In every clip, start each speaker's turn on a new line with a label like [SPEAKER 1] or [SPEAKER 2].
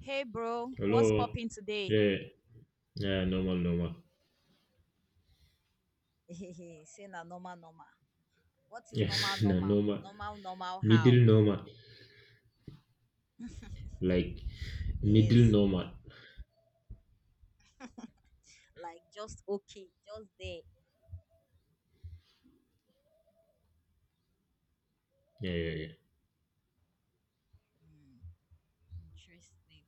[SPEAKER 1] Hey bro, what's
[SPEAKER 2] Hello.
[SPEAKER 1] popping today?
[SPEAKER 2] Yeah, yeah, normal, normal.
[SPEAKER 1] Say na normal normal. What is
[SPEAKER 2] Yeah,
[SPEAKER 1] normal
[SPEAKER 2] no,
[SPEAKER 1] normal?
[SPEAKER 2] normal.
[SPEAKER 1] Normal normal how?
[SPEAKER 2] Middle normal. Like middle
[SPEAKER 1] Yes,
[SPEAKER 2] normal.
[SPEAKER 1] like just okay, just there.
[SPEAKER 2] Yeah, yeah, yeah.
[SPEAKER 1] Hmm, interesting.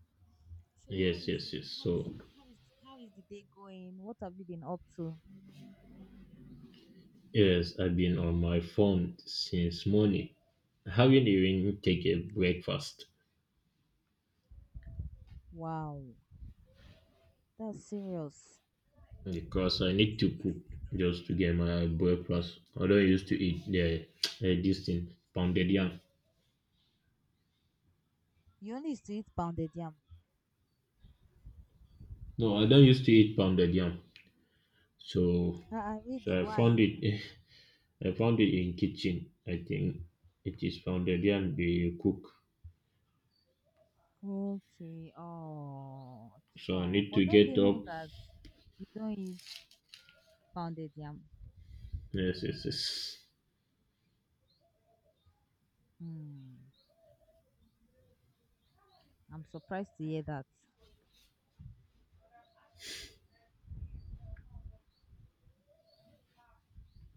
[SPEAKER 1] So how
[SPEAKER 2] Yes,
[SPEAKER 1] is
[SPEAKER 2] yes, yes.
[SPEAKER 1] it? How is it? How is the day going? What have you been up to?
[SPEAKER 2] Yes, I've been on my phone since morning. I haven't even taken breakfast
[SPEAKER 1] Wow, that's serious.
[SPEAKER 2] because I need to cook just to get my breakfast. I don't used to eat the this thing, pounded yam.
[SPEAKER 1] You only used to eat pounded yam.
[SPEAKER 2] No, I don't used to eat pounded yam. So
[SPEAKER 1] Ah, really?
[SPEAKER 2] so I
[SPEAKER 1] Why?
[SPEAKER 2] found it I found it in kitchen. I think it is found there and they cook.
[SPEAKER 1] Okay. Oh,
[SPEAKER 2] So I
[SPEAKER 1] oh.
[SPEAKER 2] need
[SPEAKER 1] But
[SPEAKER 2] to
[SPEAKER 1] don't they
[SPEAKER 2] get
[SPEAKER 1] know
[SPEAKER 2] up.
[SPEAKER 1] that you don't eat pounded yam?
[SPEAKER 2] Yes, yes, yes.
[SPEAKER 1] Hmm. I'm surprised to hear that.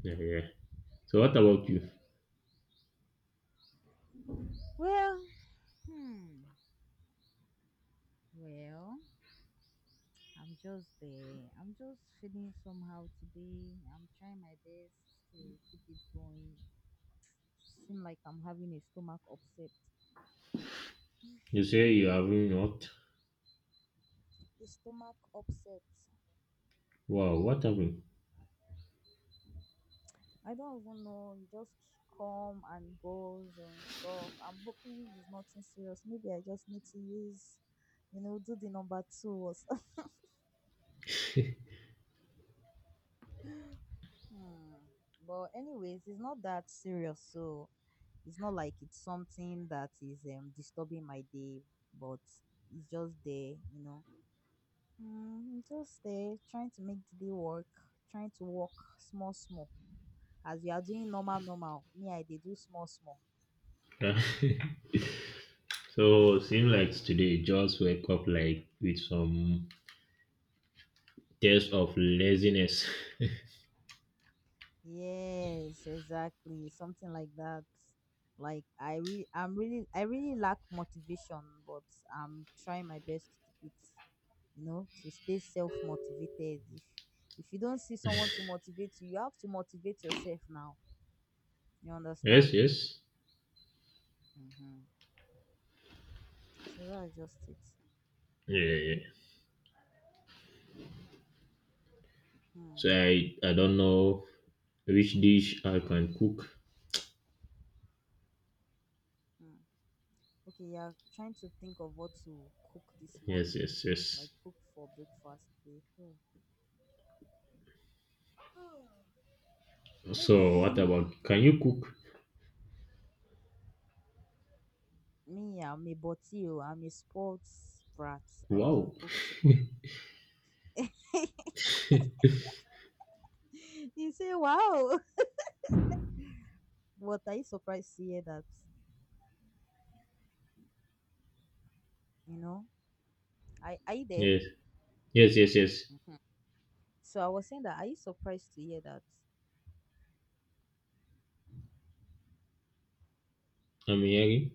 [SPEAKER 2] Yeah, yeah. So what about you?
[SPEAKER 1] Well, hmm. Well, I'm just there. I'm just feeling somehow today. I'm trying my best to keep it going. Seem like I'm having a stomach upset.
[SPEAKER 2] You say you
[SPEAKER 1] Mm,
[SPEAKER 2] haven't what?
[SPEAKER 1] a stomach upset.
[SPEAKER 2] Wow, what happened?
[SPEAKER 1] I don't even know. It just come and goes and stuff. I'm hoping it's nothing serious. Maybe I just need to use, do the number two or something. Hmm. But anyways, it's not that serious. So it's not like it's something that is disturbing my day, but it's just there. Mm, just there, trying to make the day work, trying to work small, small. As you are doing normal, normal, me, I they do small, small.
[SPEAKER 2] So seems like today just wake up like with some taste of laziness.
[SPEAKER 1] Yes, exactly. Something like that. I'm really, I really lack motivation, but I'm trying my best to keep it, to stay self-motivated. If if you don't see someone to motivate you, you have to motivate yourself now. You
[SPEAKER 2] Yes,
[SPEAKER 1] understand?
[SPEAKER 2] yes.
[SPEAKER 1] Mm-hmm. So that's just it.
[SPEAKER 2] Yeah, yeah, yeah. So
[SPEAKER 1] Hmm.
[SPEAKER 2] I don't know which dish I can cook.
[SPEAKER 1] Hmm. Okay, yeah, trying to think of what to cook this
[SPEAKER 2] Yes,
[SPEAKER 1] morning.
[SPEAKER 2] yes, yes.
[SPEAKER 1] Like cook for breakfast today. Hmm.
[SPEAKER 2] So
[SPEAKER 1] Maybe
[SPEAKER 2] what about can you cook?
[SPEAKER 1] me, I'm a body. Oh, I'm a sports brat. I don't
[SPEAKER 2] Wow.
[SPEAKER 1] cook too much. You say, wow. But are you surprised to hear that? You know, I are you there?
[SPEAKER 2] Yes. Yes, yes, yes.
[SPEAKER 1] Mhm. So I was saying that, are you surprised to hear that?
[SPEAKER 2] I'm hearing.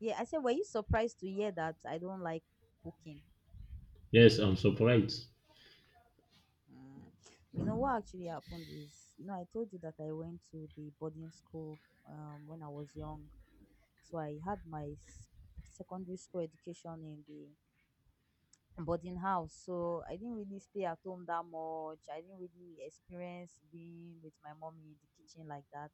[SPEAKER 1] Yeah, I said, were you surprised to hear that I don't like cooking?
[SPEAKER 2] Yes, I'm surprised.
[SPEAKER 1] Mm. You know what actually happened is, you know, I told you that I went to the boarding school when I was young. So I had my secondary school education in the, but in house, so I didn't really stay at home that much. I didn't really experience being with my mommy in the kitchen like that.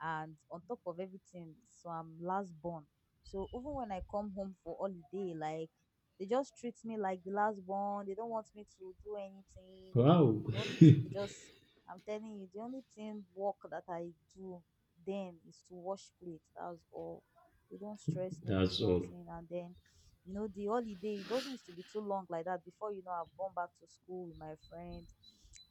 [SPEAKER 1] And on top of everything, so I'm last born, so even when I come home for holiday like, they just treat me like the last born. They don't want me to do anything.
[SPEAKER 2] Wow.
[SPEAKER 1] The only thing they just, I'm telling you, the only thing work that I do then is to wash plate, that's all. They don't stress me nothing
[SPEAKER 2] That's all.
[SPEAKER 1] nothing. And then you know the holiday, it doesn't used to be too long like that before, you know, I've gone back to school with my friends.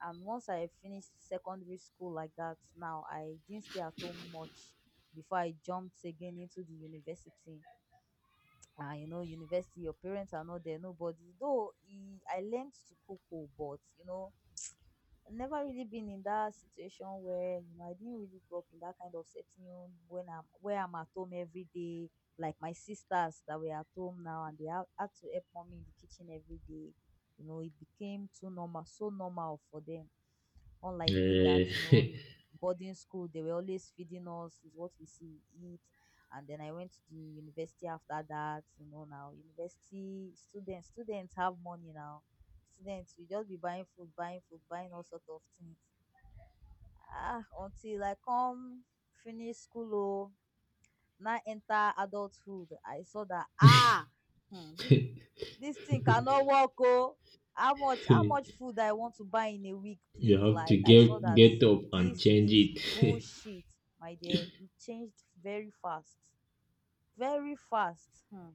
[SPEAKER 1] And once I finished secondary school like that now, I didn't stay at home much before I jumped again into the university. Ah, you know, university, your parents are not there, nobody though e I learned to cook oh, but you know, never really been in that situation where, you know, I didn't really grow up in that kind of setting when I'm, where I'm at home every day, like my sisters that were at home now, and they had to help mommy in the kitchen every day. You know, it became too normal, so normal for them. Unlike me that,
[SPEAKER 2] Eh,
[SPEAKER 1] you know, mm, boarding school, they were always feeding us, is what we see we eat. And then I went to the university after that, you know. Now university students have money now. Students, we just be buying food, buying food, buying all sort of things. Ah, until I come finish school oh, now enter adulthood, I saw that, ah, hmm, this thing cannot work, oh. How much how
[SPEAKER 2] you
[SPEAKER 1] much food I want to buy in a week, please?
[SPEAKER 2] have to
[SPEAKER 1] Like I
[SPEAKER 2] get
[SPEAKER 1] saw that
[SPEAKER 2] get up and
[SPEAKER 1] this
[SPEAKER 2] change
[SPEAKER 1] is
[SPEAKER 2] it.
[SPEAKER 1] bullshit, my dear. It changed very fast. Very fast. Hmm.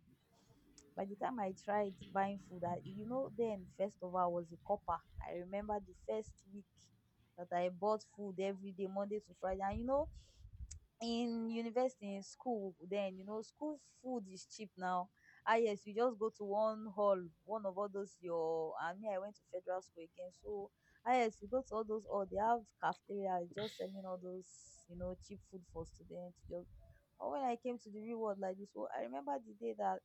[SPEAKER 1] By the time I tried buying food, I, you know, then first of all I was a copper. I remember the first week that I bought food every day, Monday to Friday. And you know, in university in school then, you know, school food is cheap now. Ah yes, you just go to one hall, one of all those your, I mean, I went to federal school again, so ah yes, you go to all those hall, they have cafeteria just selling all those, you know, cheap food for students, just. Or when I came to the real world like this oh, I remember the day that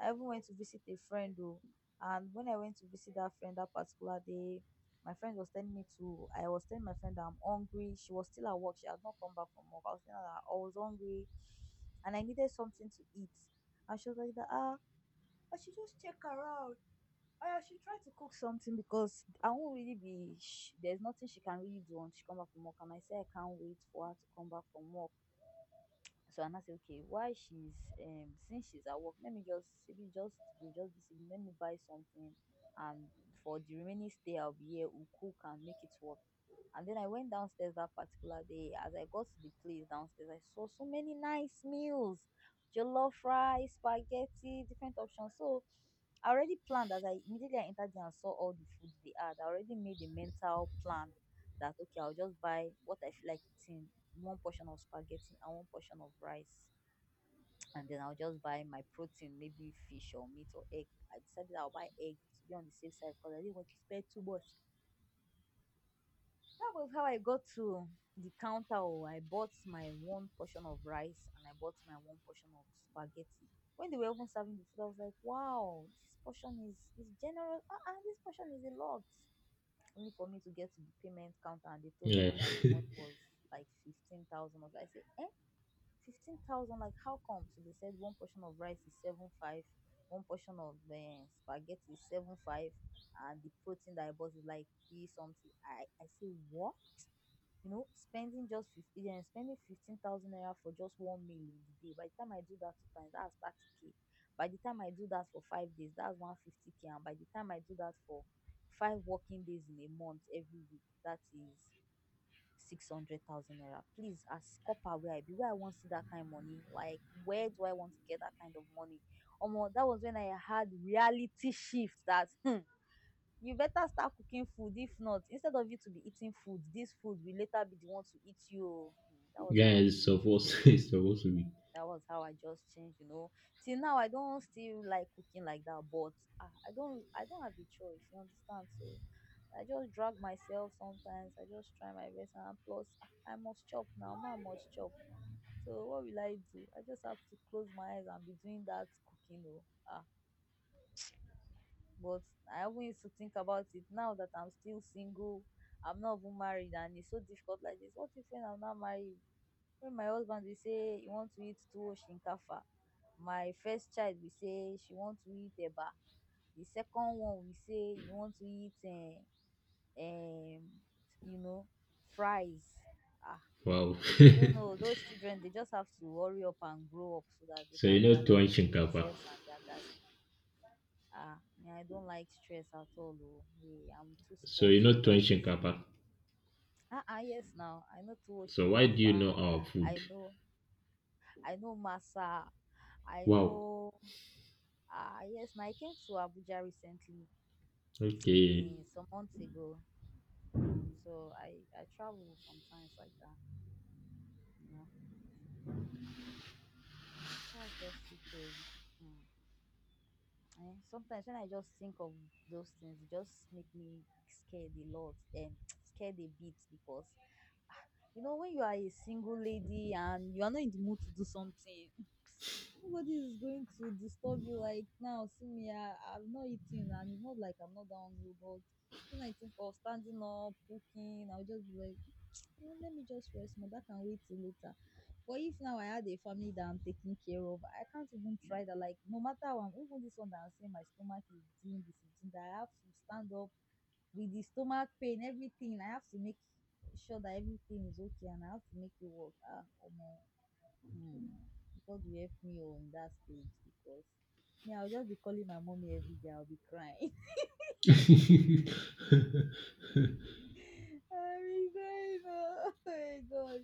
[SPEAKER 1] I even went to visit a friend oh. And when I went to visit that friend that particular day, my friend was telling me to, I was telling my friend that I'm hungry. She was still at work. She has not come back from work. I was telling her that I was hungry and I needed something to eat. And she was like, that, ah, cook something because I won't really be, there's nothing she can really do until she come back from work. And I said, I can't wait for her to come back from work. So, and I say, okay, why she's since she's at work, let me just maybe just be just this evening, let me buy something. And for the remaining stay I'll be here, we'll cook and make it work. And then I went downstairs that particular day. As I got to the place downstairs, I saw so many nice meals. Jollof rice, spaghetti, different options. So I already planned, as I immediately I entered there and saw all the food they had, I already made a mental plan that okay, I'll just buy what I feel like eating, one portion of spaghetti and one portion of rice. And then I'll just buy my protein, maybe fish or meat or egg. I decided I'll buy egg to be on the safe side because I didn't want to spend too much. That was how I got to the counter. Oh, I bought my one portion of rice and I bought my one portion of spaghetti. When they were even serving the food, I was like, wow, this portion is generous. Ah, ah, this portion is a lot, only for me to get to the payment counter, and they told me
[SPEAKER 2] Yeah.
[SPEAKER 1] that the money was like 15,000. I said, eh? 15,000, like how come? So they said one portion of rice is seven five, one portion of spaghetti is seven five, and the protein that I bought is like three something. I say what? You know, spending just 50, yeah, spending 15,000 naira for just one meal in the day. By the time I do that two times, that's 30k. By the time I do that for 5 days, that's 150k. And by the time I do that for five working days in a month, every week, that is 600,000 naira. Please, as copper where I be, where I want to see that kind of money? Like, where do I want to get that kind of money? Omo, that was when I had reality shift that hmm, you better start cooking food. If not, instead of you to be eating food, this food will later be the one to eat you. Oh. Hmm, that was how I
[SPEAKER 2] Guys.
[SPEAKER 1] changed.
[SPEAKER 2] Supposed it's supposed to be.
[SPEAKER 1] That was how I just changed, you know. Till now, I don't still like cooking like that, but I don't have a choice. You understand? So I just drag myself sometimes. I just try my best, and plus ah, I must chop now. Man must chop. So what will I do? I just have to close my eyes and be doing that cooking. Oh, ah, but I haven't used to think about it now that I'm still single. I'm not even married, and it's so difficult like this. What if when I'm not married? When my husband be say he want to eat tuwo shinkafa, my first child be say she want to eat eba, the second one will say he want to eat um you know, fries. Ah,
[SPEAKER 2] Wow.
[SPEAKER 1] I don't know, those children they just have to hurry up and grow up so that they
[SPEAKER 2] So
[SPEAKER 1] can
[SPEAKER 2] you
[SPEAKER 1] be
[SPEAKER 2] know
[SPEAKER 1] attending
[SPEAKER 2] tuwon
[SPEAKER 1] to
[SPEAKER 2] shinkafa.
[SPEAKER 1] themselves and their daddy. Ah me, I don't like stress at all oo, me I'm too
[SPEAKER 2] So
[SPEAKER 1] spoilt
[SPEAKER 2] you know
[SPEAKER 1] for
[SPEAKER 2] tuwon
[SPEAKER 1] that.
[SPEAKER 2] shinkafa.
[SPEAKER 1] Ah ah yes, now I know tuwo
[SPEAKER 2] So why do you
[SPEAKER 1] shinkafa,
[SPEAKER 2] know our
[SPEAKER 1] I
[SPEAKER 2] food?
[SPEAKER 1] know, I know masa, I
[SPEAKER 2] Wow.
[SPEAKER 1] know. Ah, yes, now I came to Abuja recently,
[SPEAKER 2] Okay.
[SPEAKER 1] eh, some months ago. So I travel sometimes like that, you know. That's just it. Oh. Mm. Eh, sometimes when I just think of those things, it just make me scared a lot, scared a bit because you know when you are a single lady and you are not in the mood to do something, nobody is going to disturb you like now. See me, I'm not eating, and it's not like I'm not hungry. But when I think of standing up, cooking, I'll just be like, "Eh, let me just rest more. That can wait till later. But if now I had a family that I'm taking care of, I can't even try that. Like no matter how I'm, even this one that I'm saying my stomach is doing this, is doing that, I have to stand up with the stomach pain, everything. I have to make sure that everything is okay, and I have to make it work. Ah, omo. Hmm. God will help me on that stage because me, I'll just be calling my mommy every day. I'll be crying.
[SPEAKER 2] Yeah,
[SPEAKER 1] I'll be crying. Oh, my God.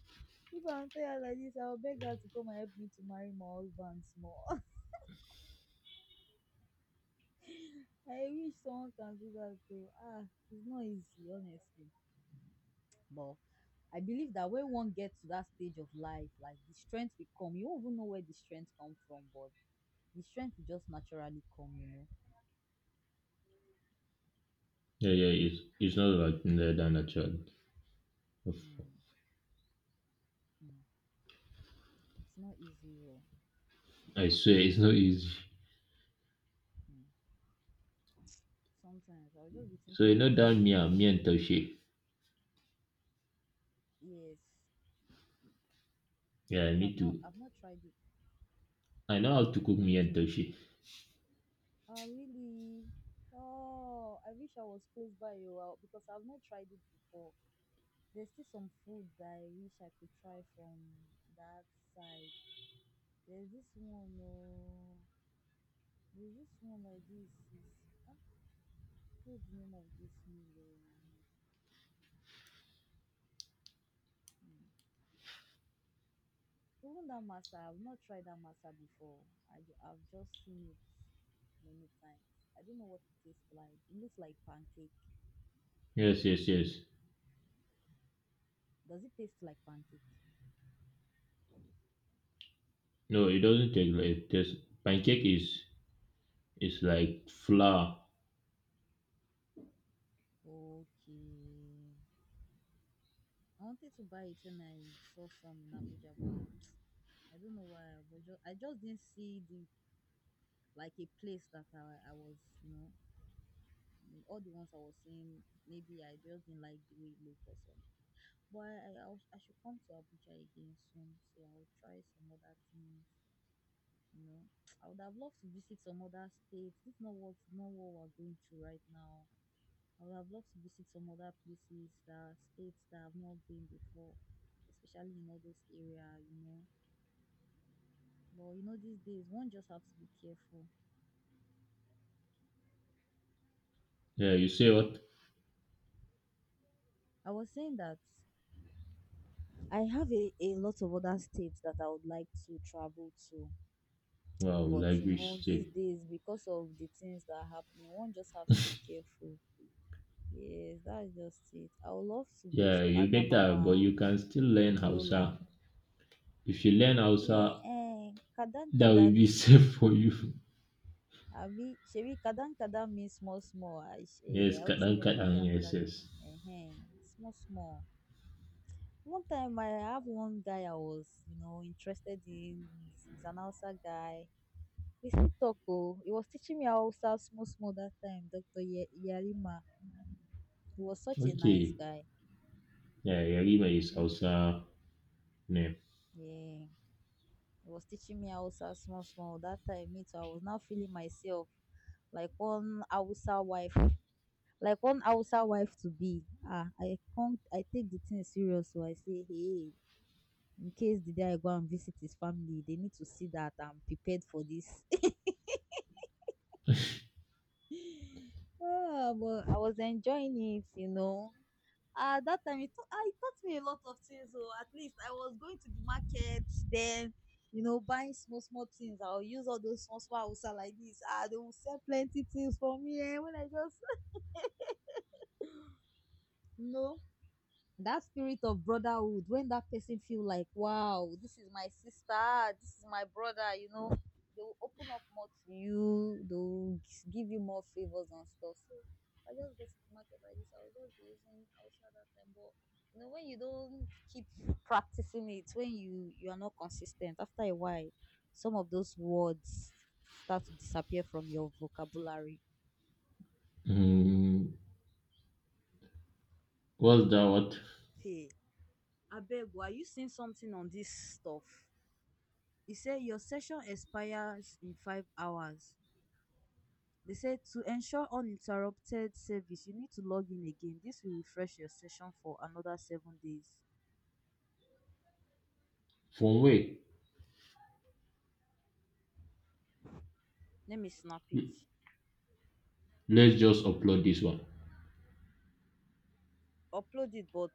[SPEAKER 1] If I'm tired like this, I'll beg her to come and help me to marry my husband small. I wish someone can do that too. Ah, it's not easy, honestly. But I believe that when one gets to that stage of life, like the strength will come. You won't even know where the strength comes from, but the strength will just naturally come, you know.
[SPEAKER 2] yeah, it's not like that than a child.
[SPEAKER 1] Mm, mm. It's not easy, though.
[SPEAKER 2] I swear it's not easy.
[SPEAKER 1] Mm. Sometimes I'll just be
[SPEAKER 2] So you
[SPEAKER 1] thinking of
[SPEAKER 2] know
[SPEAKER 1] so
[SPEAKER 2] that me
[SPEAKER 1] many
[SPEAKER 2] and
[SPEAKER 1] things.
[SPEAKER 2] me and Toshi.
[SPEAKER 1] Yes,
[SPEAKER 2] Yeah,
[SPEAKER 1] but
[SPEAKER 2] me
[SPEAKER 1] I've not
[SPEAKER 2] too.
[SPEAKER 1] I've not tried it.
[SPEAKER 2] I know how to cook
[SPEAKER 1] You
[SPEAKER 2] me
[SPEAKER 1] need to
[SPEAKER 2] and
[SPEAKER 1] what?
[SPEAKER 2] Toshi.
[SPEAKER 1] Oh really? Oh, I wish I was close by you well because I've not tried it before. There's still some food that I wish I could try from that side. There's this one, oh, there's this one, like this is, ah, what's the name of this meal? Oh? Hmm. Even that masa, I've not tried that masa before. I've just seen it many times. I don't know what it tastes like. It looks like pancake.
[SPEAKER 2] Yes, yes, yes.
[SPEAKER 1] Does it taste like pancake?
[SPEAKER 2] No, it doesn't take like just pancake is like flour.
[SPEAKER 1] Okay. I wanted to buy it when I saw some in Abuja, but I don't know why. But just, I just didn't see the, like, a place that I was, you know, mm, all the ones I was seeing. Maybe I just didn't like the way it looked or something. But I should come to Abuja again soon, so I'll try some other things. You know, I would have loved to visit some other states. This is not what not what we're going through right now. I would have loved to visit some other places, that states that I've not been before, especially in all those area, you know. But you know, these days one just have to be careful.
[SPEAKER 2] Yeah, you say what?
[SPEAKER 1] I was saying that I have a lot of other states that I would like to travel to.
[SPEAKER 2] Wow,
[SPEAKER 1] But
[SPEAKER 2] like
[SPEAKER 1] you know,
[SPEAKER 2] rich
[SPEAKER 1] these
[SPEAKER 2] say.
[SPEAKER 1] days, because of the things that are happening, one just has to be careful. Yes, that's just it. I would love to go
[SPEAKER 2] Yeah,
[SPEAKER 1] to
[SPEAKER 2] you better, but
[SPEAKER 1] Adamawa,
[SPEAKER 2] you can still learn
[SPEAKER 1] Yola.
[SPEAKER 2] Hausa. If you learn
[SPEAKER 1] Yeah,
[SPEAKER 2] Hausa,
[SPEAKER 1] eh, Kadan
[SPEAKER 2] that
[SPEAKER 1] Kadan
[SPEAKER 2] will be
[SPEAKER 1] ni.
[SPEAKER 2] safe for you.
[SPEAKER 1] Abi, shebi Kadan Kadan means small small. I, eh,
[SPEAKER 2] Yes,
[SPEAKER 1] I hope say
[SPEAKER 2] kadan
[SPEAKER 1] no be
[SPEAKER 2] kadan. Yes,
[SPEAKER 1] another,
[SPEAKER 2] yes.
[SPEAKER 1] eh, small small. One time I have one guy I was, you know, interested in. He's an Hausa guy. We still talk oh. He was teaching me Hausa small small that time, Dr. Yarima. He was such a nice
[SPEAKER 2] Okay.
[SPEAKER 1] guy.
[SPEAKER 2] Yeah, Yarima is
[SPEAKER 1] Mm-hmm.
[SPEAKER 2] Hausa name.
[SPEAKER 1] Yeah. He was teaching me Hausa small small that time. Me too. I was now feeling myself like one Hausa wife, like one Hausa wife to be. Ah, I can't. I take the thing serious, so I say hey, in case the day I go and visit his family, they need to see that I'm prepared for this. Ah, but I was enjoying it, you know. Ah, that time it taught, ah, it taught me a lot of things. So at least I was going to the market then, you know, buying small small things, I will use all those small small Hausa like this. Ah, they will sell plenty things for me, eh, when I just you know, that spirit of brotherhood, when that person feel like, wow, this is my sister, this is my brother, you know, they will open up more to you, they'll give you more favors and stuff. So I just go to the market like this, I will just be using outside that time. But you know, when you don't keep practicing it, when you are not consistent, after a while some of those words start to disappear from your vocabulary.
[SPEAKER 2] Mm, what's that? What?
[SPEAKER 1] Hey, abeg oh, are you seeing something on this stuff? E say your session expires in 5 hours. They say to ensure uninterrupted service, you need to log in again. This will refresh your session for another 7 days.
[SPEAKER 2] From where?
[SPEAKER 1] Let me snap it,
[SPEAKER 2] Let's just upload this one.
[SPEAKER 1] upload it, but